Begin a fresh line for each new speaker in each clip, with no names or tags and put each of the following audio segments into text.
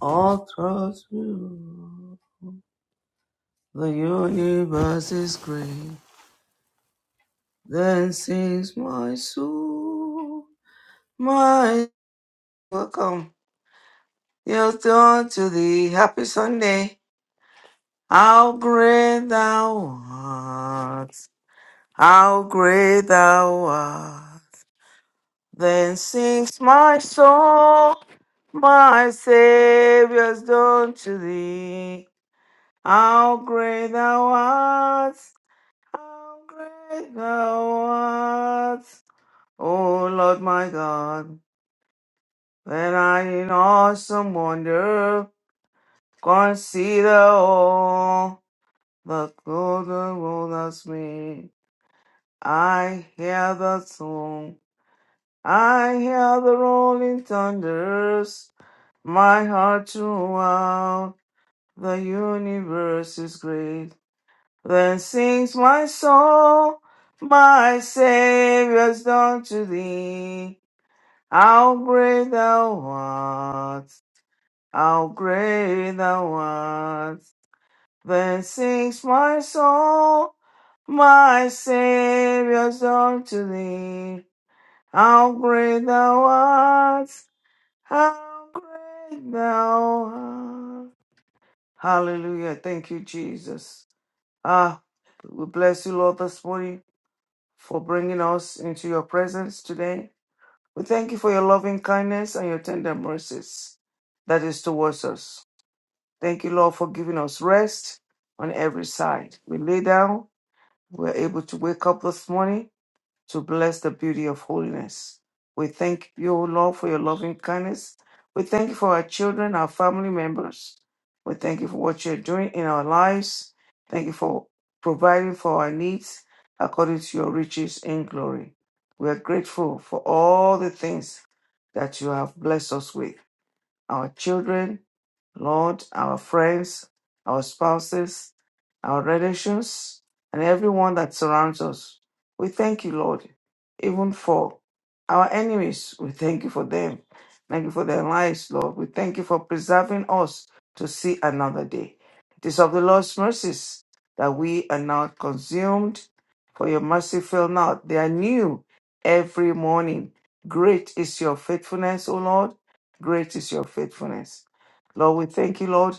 All through you, the universe is great. Then sings my soul, my welcome. Yes, on to the happy Sunday. How great thou art! How great thou art! Then sings my soul, my Savior's done to thee. How great thou art! How great thou art, O Lord my God, when I in awesome wonder consider all the golden world has made. I hear the song, I hear the rolling thunders, my heart throughout the universe is great. Then sings my soul, my Saviour's done to thee. How great thou art, how great thou art. Then sings my soul, my Saviour's done to thee. How great thou art, how great thou art. Hallelujah. Thank you, Jesus. Ah, we bless you, Lord, this morning. for bringing us into your presence today. We thank you for your loving kindness and your tender mercies that is towards us. Thank you, Lord, for giving us rest on every side. We lay down, we're able to wake up this morning to bless the beauty of holiness. We thank you, O Lord, for your loving kindness. We thank you for our children, our family members. We thank you for what you're doing in our lives. Thank you for providing for our needs according to your riches in glory. We are grateful for all the things that you have blessed us with our children, Lord, our friends, our spouses, our relations, and everyone that surrounds us. We thank you, Lord, even for our enemies. We thank you for them. Thank you for their lives, Lord. We thank you for preserving us to see another day. It is of the Lord's mercies that we are not consumed, for your mercy fail not. They are new every morning. Great is your faithfulness, O Lord. Great is your faithfulness. Lord, we thank you, Lord,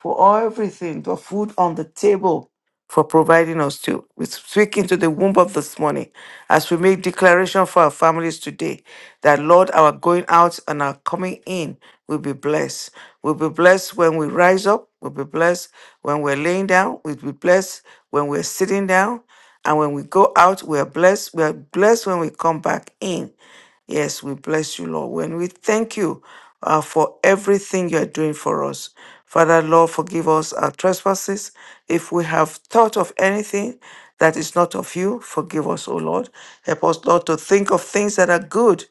for everything, for food on the table, for providing us to. We speak into the womb of this morning as we make declaration for our families today that, Lord, our going out and our coming in will be blessed. We'll be blessed when we rise up. We'll be blessed when we're laying down. We'll be blessed when we're sitting down. And when we go out, we are blessed. We are blessed when we come back in. Yes, we bless you, Lord. When we thank you uh, for everything you are doing for us. Father, Lord, forgive us our trespasses. If we have thought of anything that is not of you, forgive us, O Lord. Help us, Lord, to think of things that are good,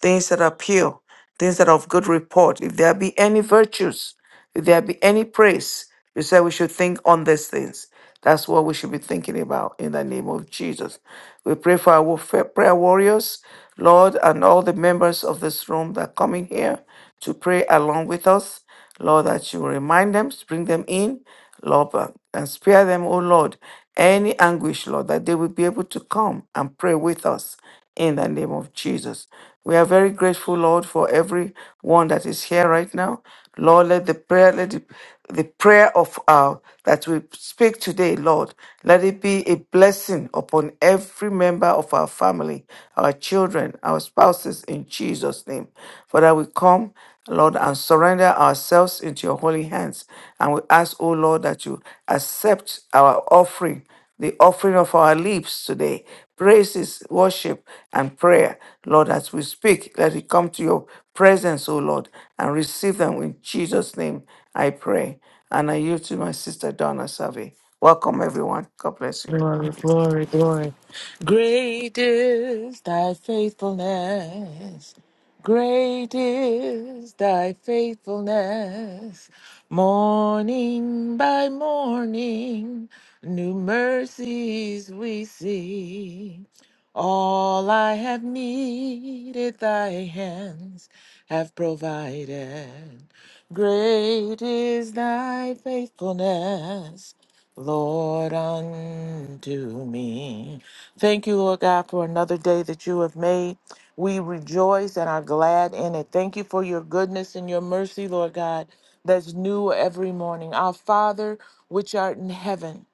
things that are pure, things that are of good report. If there be any virtues, if there be any praise, you said we should think on these things. That's what we should be thinking about in the name of Jesus. We pray for our wa- fa- prayer warriors, Lord, and all the members of this room that come in here to pray along with us. Lord, that you will remind them, bring them in, Lord, uh, and spare them, oh Lord, any anguish, Lord, that they will be able to come and pray with us in the name of Jesus. We are very grateful, Lord, for every one that is here right now. Lord, let the prayer, let the, the prayer of our that we speak today, Lord, let it be a blessing upon every member of our family, our children, our spouses, in Jesus' name. Father, we come, Lord, and surrender ourselves into your holy hands. And we ask, oh Lord, that you accept our offering the offering of our lips today. Praises, worship, and prayer. Lord, as we speak, let it come to your presence, O Lord, and receive them in Jesus' name, I pray. And I yield to my sister Donna Savi. Welcome, everyone. God bless you.
Glory, glory, glory. Great is thy faithfulness. Great is thy faithfulness. Morning by morning, new mercies we see. All I have needed, thy hands have provided. Great is thy faithfulness. Lord, unto me. Thank you, Lord God, for another day that you have made. We rejoice and are glad in it. Thank you for your goodness and your mercy, Lord God, that's new every morning. Our Father, which art in heaven,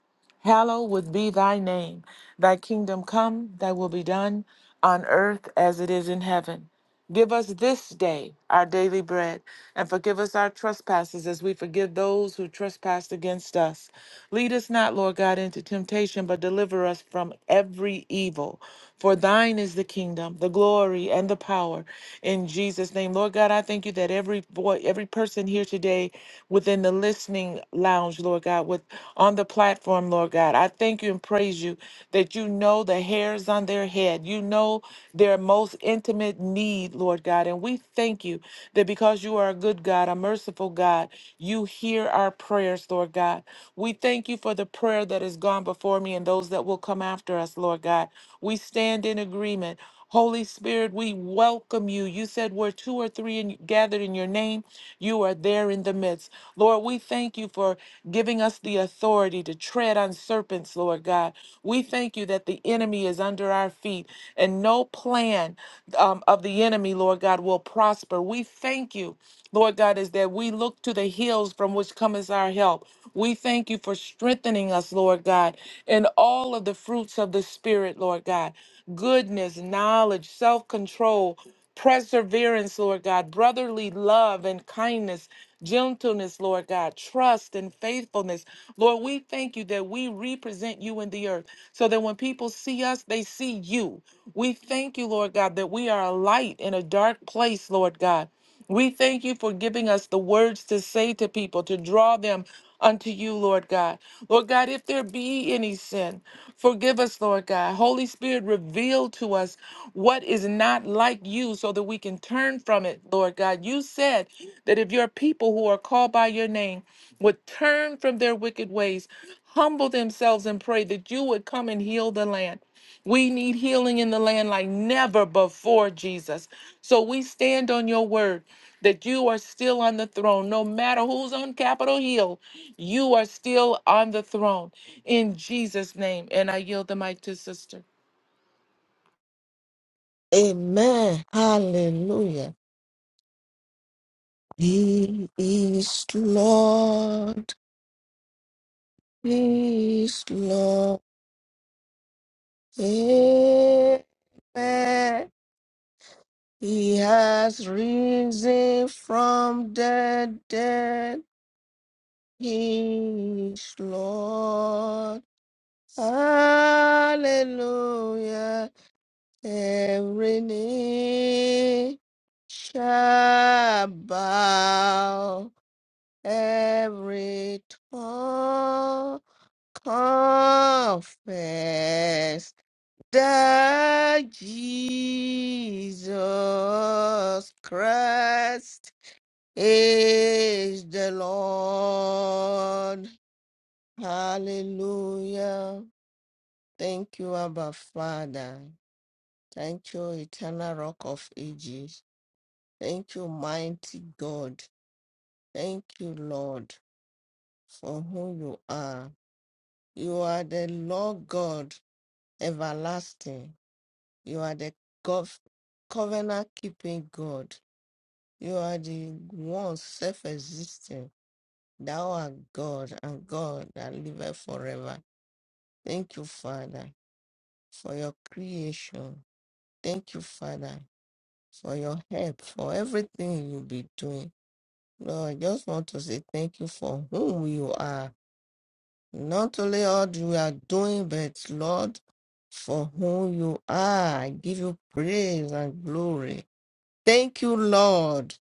hallowed be thy name. Thy kingdom come, thy will be done on earth as it is in heaven. Give us this day our daily bread, and forgive us our trespasses as we forgive those who trespass against us. Lead us not, Lord God, into temptation, but deliver us from every evil. For thine is the kingdom, the glory, and the power in Jesus' name. Lord God, I thank you that every boy, every person here today within the listening lounge, Lord God, with on the platform, Lord God, I thank you and praise you that you know the hairs on their head. You know their most intimate need, Lord God. And we thank you that because because you are a good God, a merciful God, you hear our prayers, Lord God. We thank you for the prayer that has gone before me and those that will come after us, Lord God. We stand in agreement. Holy Spirit, we welcome you. You said where two or three in, gathered in your name, you are there in the midst. Lord, we thank you for giving us the authority to tread on serpents, Lord God. We thank you that the enemy is under our our feet, and no plan um, of the enemy, Lord God, will prosper. We thank you, Lord God, is that we look to the hills from which cometh our help. We thank you for strengthening us, Lord God, in all of the fruits of the Spirit, Lord God goodness, knowledge, self control perseverance, Lord God, brotherly love and kindness, gentleness, Lord God, trust and faithfulness. Lord, we thank you that we represent you in the earth so that when people see us, they see you. We thank you, Lord God, that we are a light in a dark place, Lord God. We thank you for giving us the words to say to people, to draw them unto you, Lord God. Lord God, if there be any sin, forgive us, Lord God. Holy Spirit, reveal to us what is not like you so that we can turn from it, Lord God. You said that if your people who are called by your name would turn from their wicked ways, humble themselves and pray that you would come and heal the land. We need healing in the land like never before, Jesus. So we stand on your word that you are still on the throne. No matter who's on Capitol Hill, you are still on the throne in Jesus' name. And I yield the mic to Sister.
Amen. Hallelujah. He is Lord. He is Lord. Amen. He has risen from the dead. He is Lord. Hallelujah. Every knee shall bow. every tongue confess that Jesus Christ is the Lord. Hallelujah. Thank you, Abba Father. Thank you, eternal rock of ages. Thank you, mighty God. Thank you, Lord, for who you are. You are the Lord God everlasting. You are the gov- covenant keeping God. You are the one self existing. Thou art God and God that liveth forever. Thank you, Father, for your creation. Thank you, Father, for your help, for everything you'll be doing. Lord, I just want to say thank you for whom you are. Not only what you are doing, but Lord, for who you are, I give you praise and glory. Thank you, Lord,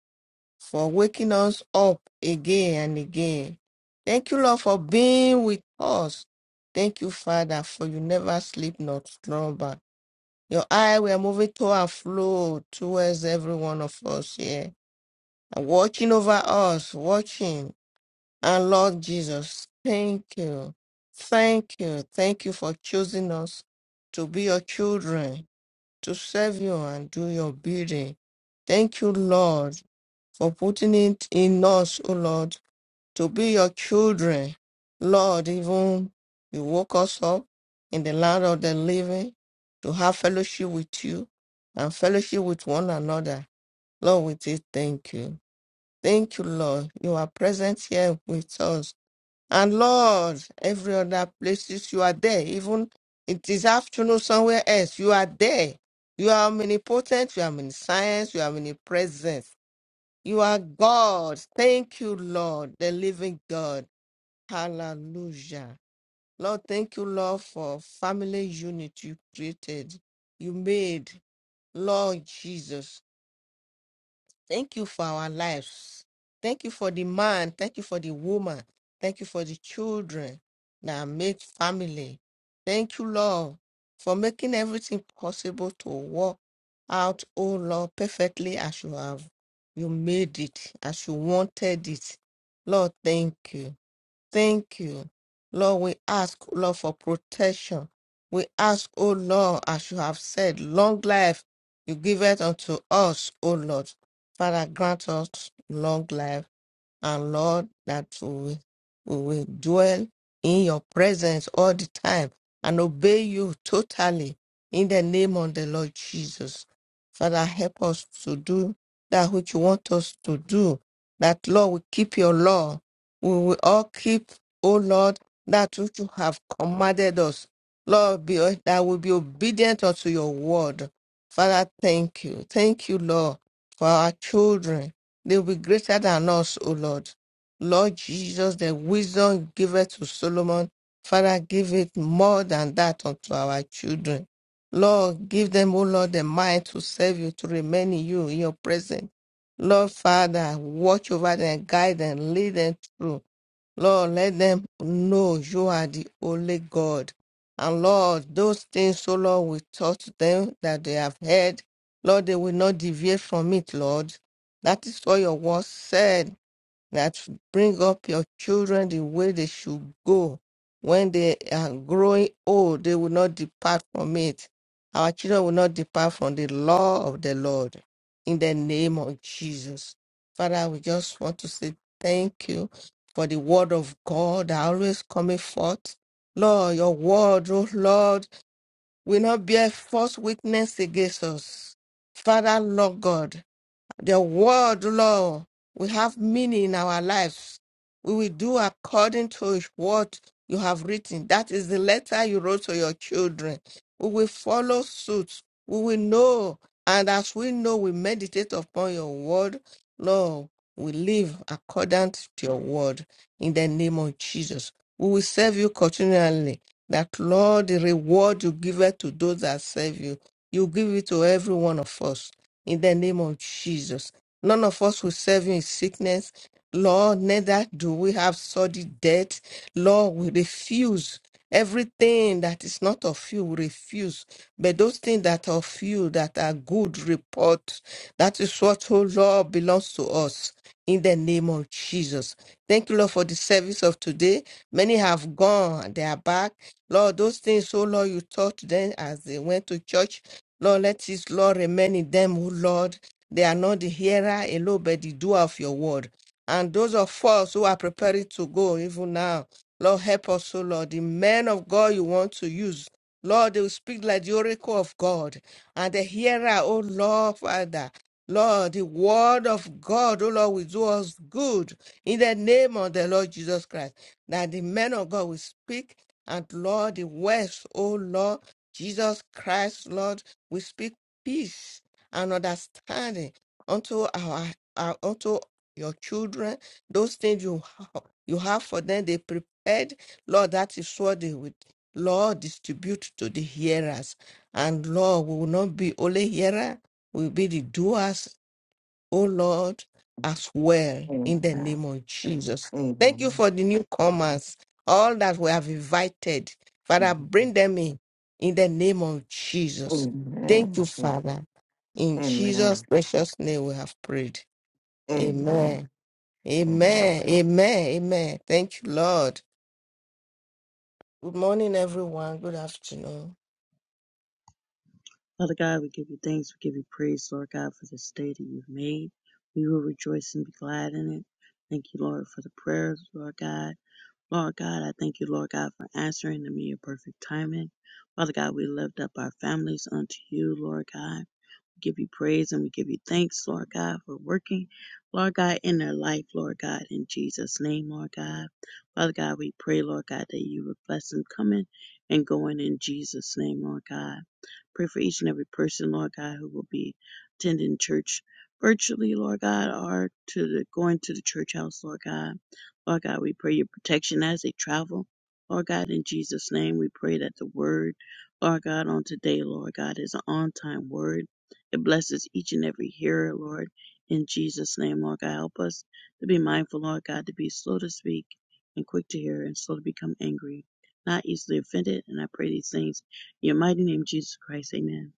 for waking us up again and again. Thank you, Lord, for being with us. Thank you, Father, for you never sleep nor slumber. Your eye were moving to and fro towards every one of us here and watching over us, watching. Our Lord Jesus, thank you. Thank you. Thank you for choosing us to be your children, to serve you and do your bidding. Thank you, Lord, for putting it in us, O Lord, to be your children. Lord, even you woke us up in the land of the living to have fellowship with you and fellowship with one another. Lord, we say thank you. Thank you, Lord. You are present here with us. And Lord, every other places you are there, even it is afternoon somewhere else, you are there. You are omnipotent, you are omniscience, you are omnipresent. You are God. Thank you, Lord, the living God. Hallelujah. Lord, thank you, Lord, for family unity you created, you made, Lord Jesus. Thank you for our lives. Thank you for the man. Thank you for the woman. Thank you for the children that make family. Thank you, Lord, for making everything possible to work out, oh Lord, perfectly as you have. You made it, as you wanted it. Lord, thank you. Thank you. Lord, we ask, Lord, for protection. We ask, O Lord, as you have said, long life you give it unto us, O Lord. Father, grant us long life and Lord, that we will we will dwell in your presence all the time and obey you totally in the name of the Lord Jesus. Father, help us to do that which you want us to do. That, Lord, we keep your law. We will all keep, O Lord, that which you have commanded us. Lord, be, that we be obedient unto your word. Father, thank you. Thank you, Lord, for our children. They will be greater than us, O Lord. Lord Jesus, the wisdom giveth to Solomon, Father, give it more than that unto our children. Lord, give them, O Lord, the mind to serve you, to remain in you, in your presence. Lord, Father, watch over them, guide them, lead them through. Lord, let them know you are the only God. And Lord, those things, so Lord, we taught them that they have heard. Lord, they will not deviate from it, Lord. That is what your word said that bring up your children the way they should go. When they are growing old, they will not depart from it. Our children will not depart from the law of the Lord. In the name of Jesus. Father, we just want to say thank you for the word of God that always coming forth. Lord, your word, oh Lord, will not bear false witness against us. Father, Lord God, the word, Lord, will have meaning in our lives. We will do according to what you have written. That is the letter you wrote to your children. We will follow suit. We will know. And as we know, we meditate upon your word. Lord, we live according to your word in the name of Jesus. We will serve you continually. That, Lord, the reward you give it to those that serve you, you give it to every one of us in the name of Jesus. None of us will serve you in sickness. Lord, neither do we have sordid debt. Lord, we refuse everything that is not of you, we refuse. But those things that are of you, that are good report, that is what, oh Lord, belongs to us. In the name of Jesus. Thank you, Lord, for the service of today. Many have gone, they are back. Lord, those things, oh Lord, you taught them as they went to church. Lord, let His law remain in them, who, Lord. They are not the hearer alone, but the doer of your word. And those of us who are preparing to go, even now, Lord, help us, O Lord. The men of God you want to use, Lord, they will speak like the oracle of God. And the hearer, O Lord, Father, Lord, the word of God, O Lord, will do us good in the name of the Lord Jesus Christ. That the men of God will speak, and Lord, the words, O Lord, Jesus Christ, Lord. We speak peace and understanding unto our, our unto your children. Those things you have, you have for them, they prepared. Lord, that is what they would. Lord, distribute to the hearers. And Lord, we will not be only hearer, we will be the doers O Lord, as well in the
Amen.
name of Jesus. Thank you
Amen.
for the newcomers, all that we have invited. Father, bring them in in the name of Jesus. Thank
Amen.
you, Father. In Jesus'
Amen.
precious name we have prayed. Amen.
Amen. Amen.
Amen. Amen. Amen. Thank you, Lord. Good morning, everyone. Good afternoon.
Father God, we give you thanks. We give you praise, Lord God, for this day that you've made. We will rejoice and be glad in it. Thank you, Lord, for the prayers, Lord God. Lord God, I thank you, Lord God, for answering them in your perfect timing. Father God, we lift up our families unto you, Lord God. We give you praise and we give you thanks, Lord God, for working, Lord God, in their life, Lord God, in Jesus' name, Lord God. Father God, we pray, Lord God, that you would bless them coming and going in Jesus' name, Lord God. Pray for each and every person, Lord God, who will be attending church virtually, Lord God, or to the, going to the church house, Lord God. Lord God, we pray your protection as they travel. Lord God, in Jesus' name, we pray that the word, Lord God, on today, Lord God, is an on time word. It blesses each and every hearer, Lord. In Jesus' name, Lord God, help us to be mindful, Lord God, to be slow to speak and quick to hear and slow to become angry, not easily offended. And I pray these things in your mighty name, Jesus Christ, amen.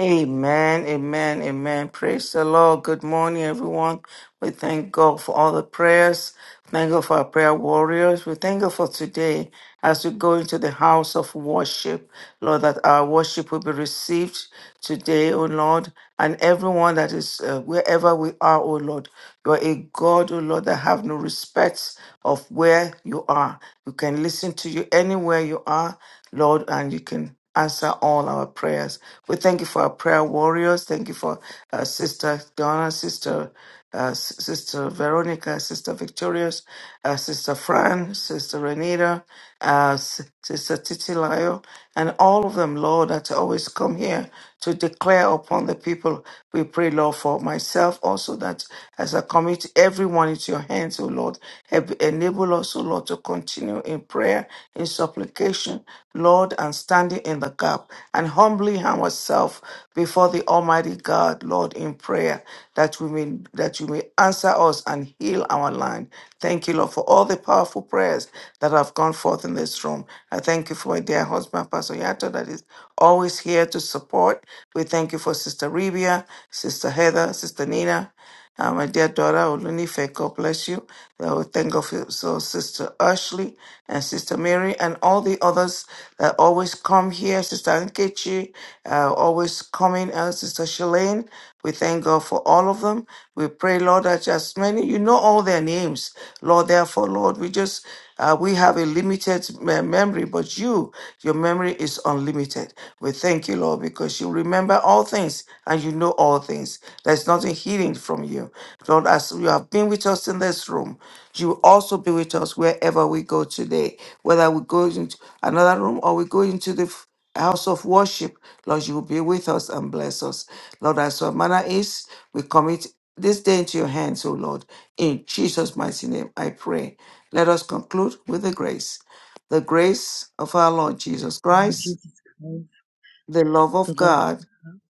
Amen, amen, amen. Praise the Lord. Good morning, everyone. We thank God for all the prayers. Thank God for our prayer warriors. We thank God for today as we go into the house of worship. Lord, that our worship will be received today, O Lord, and everyone that is uh, wherever we are, O Lord. You are a God, O Lord, that have no respect of where you are. You can listen to you anywhere you are, Lord, and you can answer all our prayers. We thank you for our prayer warriors. Thank you for uh, Sister Donna, Sister uh, S- Sister Veronica, Sister Victorious, uh, Sister Fran, Sister Renita, uh, S- Sister Titilayo, and all of them, Lord, that always come here to declare upon the people. We pray, Lord, for myself also that as I commit everyone into your hands, O Lord, have enable us, also, Lord, to continue in prayer, in supplication, Lord, and standing in the gap and humbling ourselves before the Almighty God, Lord, in prayer, that we may that you may answer us and heal our land. Thank you, Lord, for all the powerful prayers that have gone forth in this room. I thank you for my dear husband, Pastor Yato, that is always here to support. We thank you for Sister Rebia, Sister Heather, Sister Nina. Uh, my dear daughter, Olunife, God bless you. Uh, we thank God for you. so Sister Ashley and Sister Mary and all the others that always come here. Sister Nkechi, uh, always coming. Uh, Sister Shalane, we thank God for all of them. We pray, Lord, that as many, you know all their names. Lord, therefore, Lord, we just, uh, we have a limited me- memory, but you, your memory is unlimited. We thank you, Lord, because you remember all things and you know all things. There's nothing hidden from you. Lord, as you have been with us in this room, you will also be with us wherever we go today. Whether we go into another room or we go into the f- house of worship, Lord, you will be with us and bless us. Lord, as our manner is, we commit this day into your hands, O Lord. In Jesus' mighty name, I pray. Let us conclude with the grace. The grace of our Lord Jesus
Lord
Christ,
Jesus Christ,
the love of
the love of
God
God,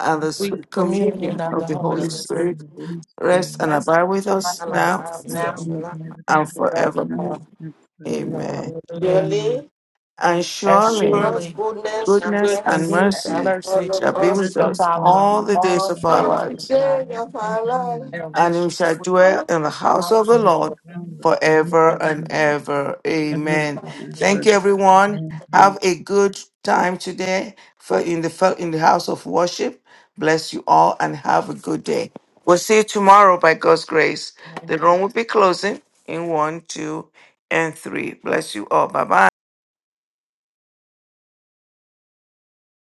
and the
We
sweet communion
communion
and
of
free
the
of the
Holy
Holy
communion of
Spirit.
Spirit
the Holy
rest
Spirit,
and
Bless
abide
and
with
abide
us
with
now
us
rest
now
in the Bible,
and
and
forevermore.
now
forevermore.
and
Amen.
Hallelujah.
forevermore.
Surely
And
And
surely
Amen.
God's
surely
goodness and
goodness and
goodness
mercy
Serving,
and
that
mercy
mercy
follow
shall be with
us
shall
goodness,
us
and
follow us
all
mercy,
the
to
days
all
of
the
our
follow
all
days
us,
the
lives
of our life
day
all the
of
days of our
our
lives,
and we
and you
should
shall
not
dwell
life.
in the house of
house
the
and
of the
we shall
Lord
Lord
dwell in the house
forever
of
forever.
and
the Lord,
ever.
ever
Amen.
and
Thank
ever.
you, everyone.
Amen.
Have a good time today for in the fel- in the house of worship. Bless you all and have a good day. We'll see you tomorrow by God's grace. The room will be closing in one, two, and three. Bless you all. Bye bye.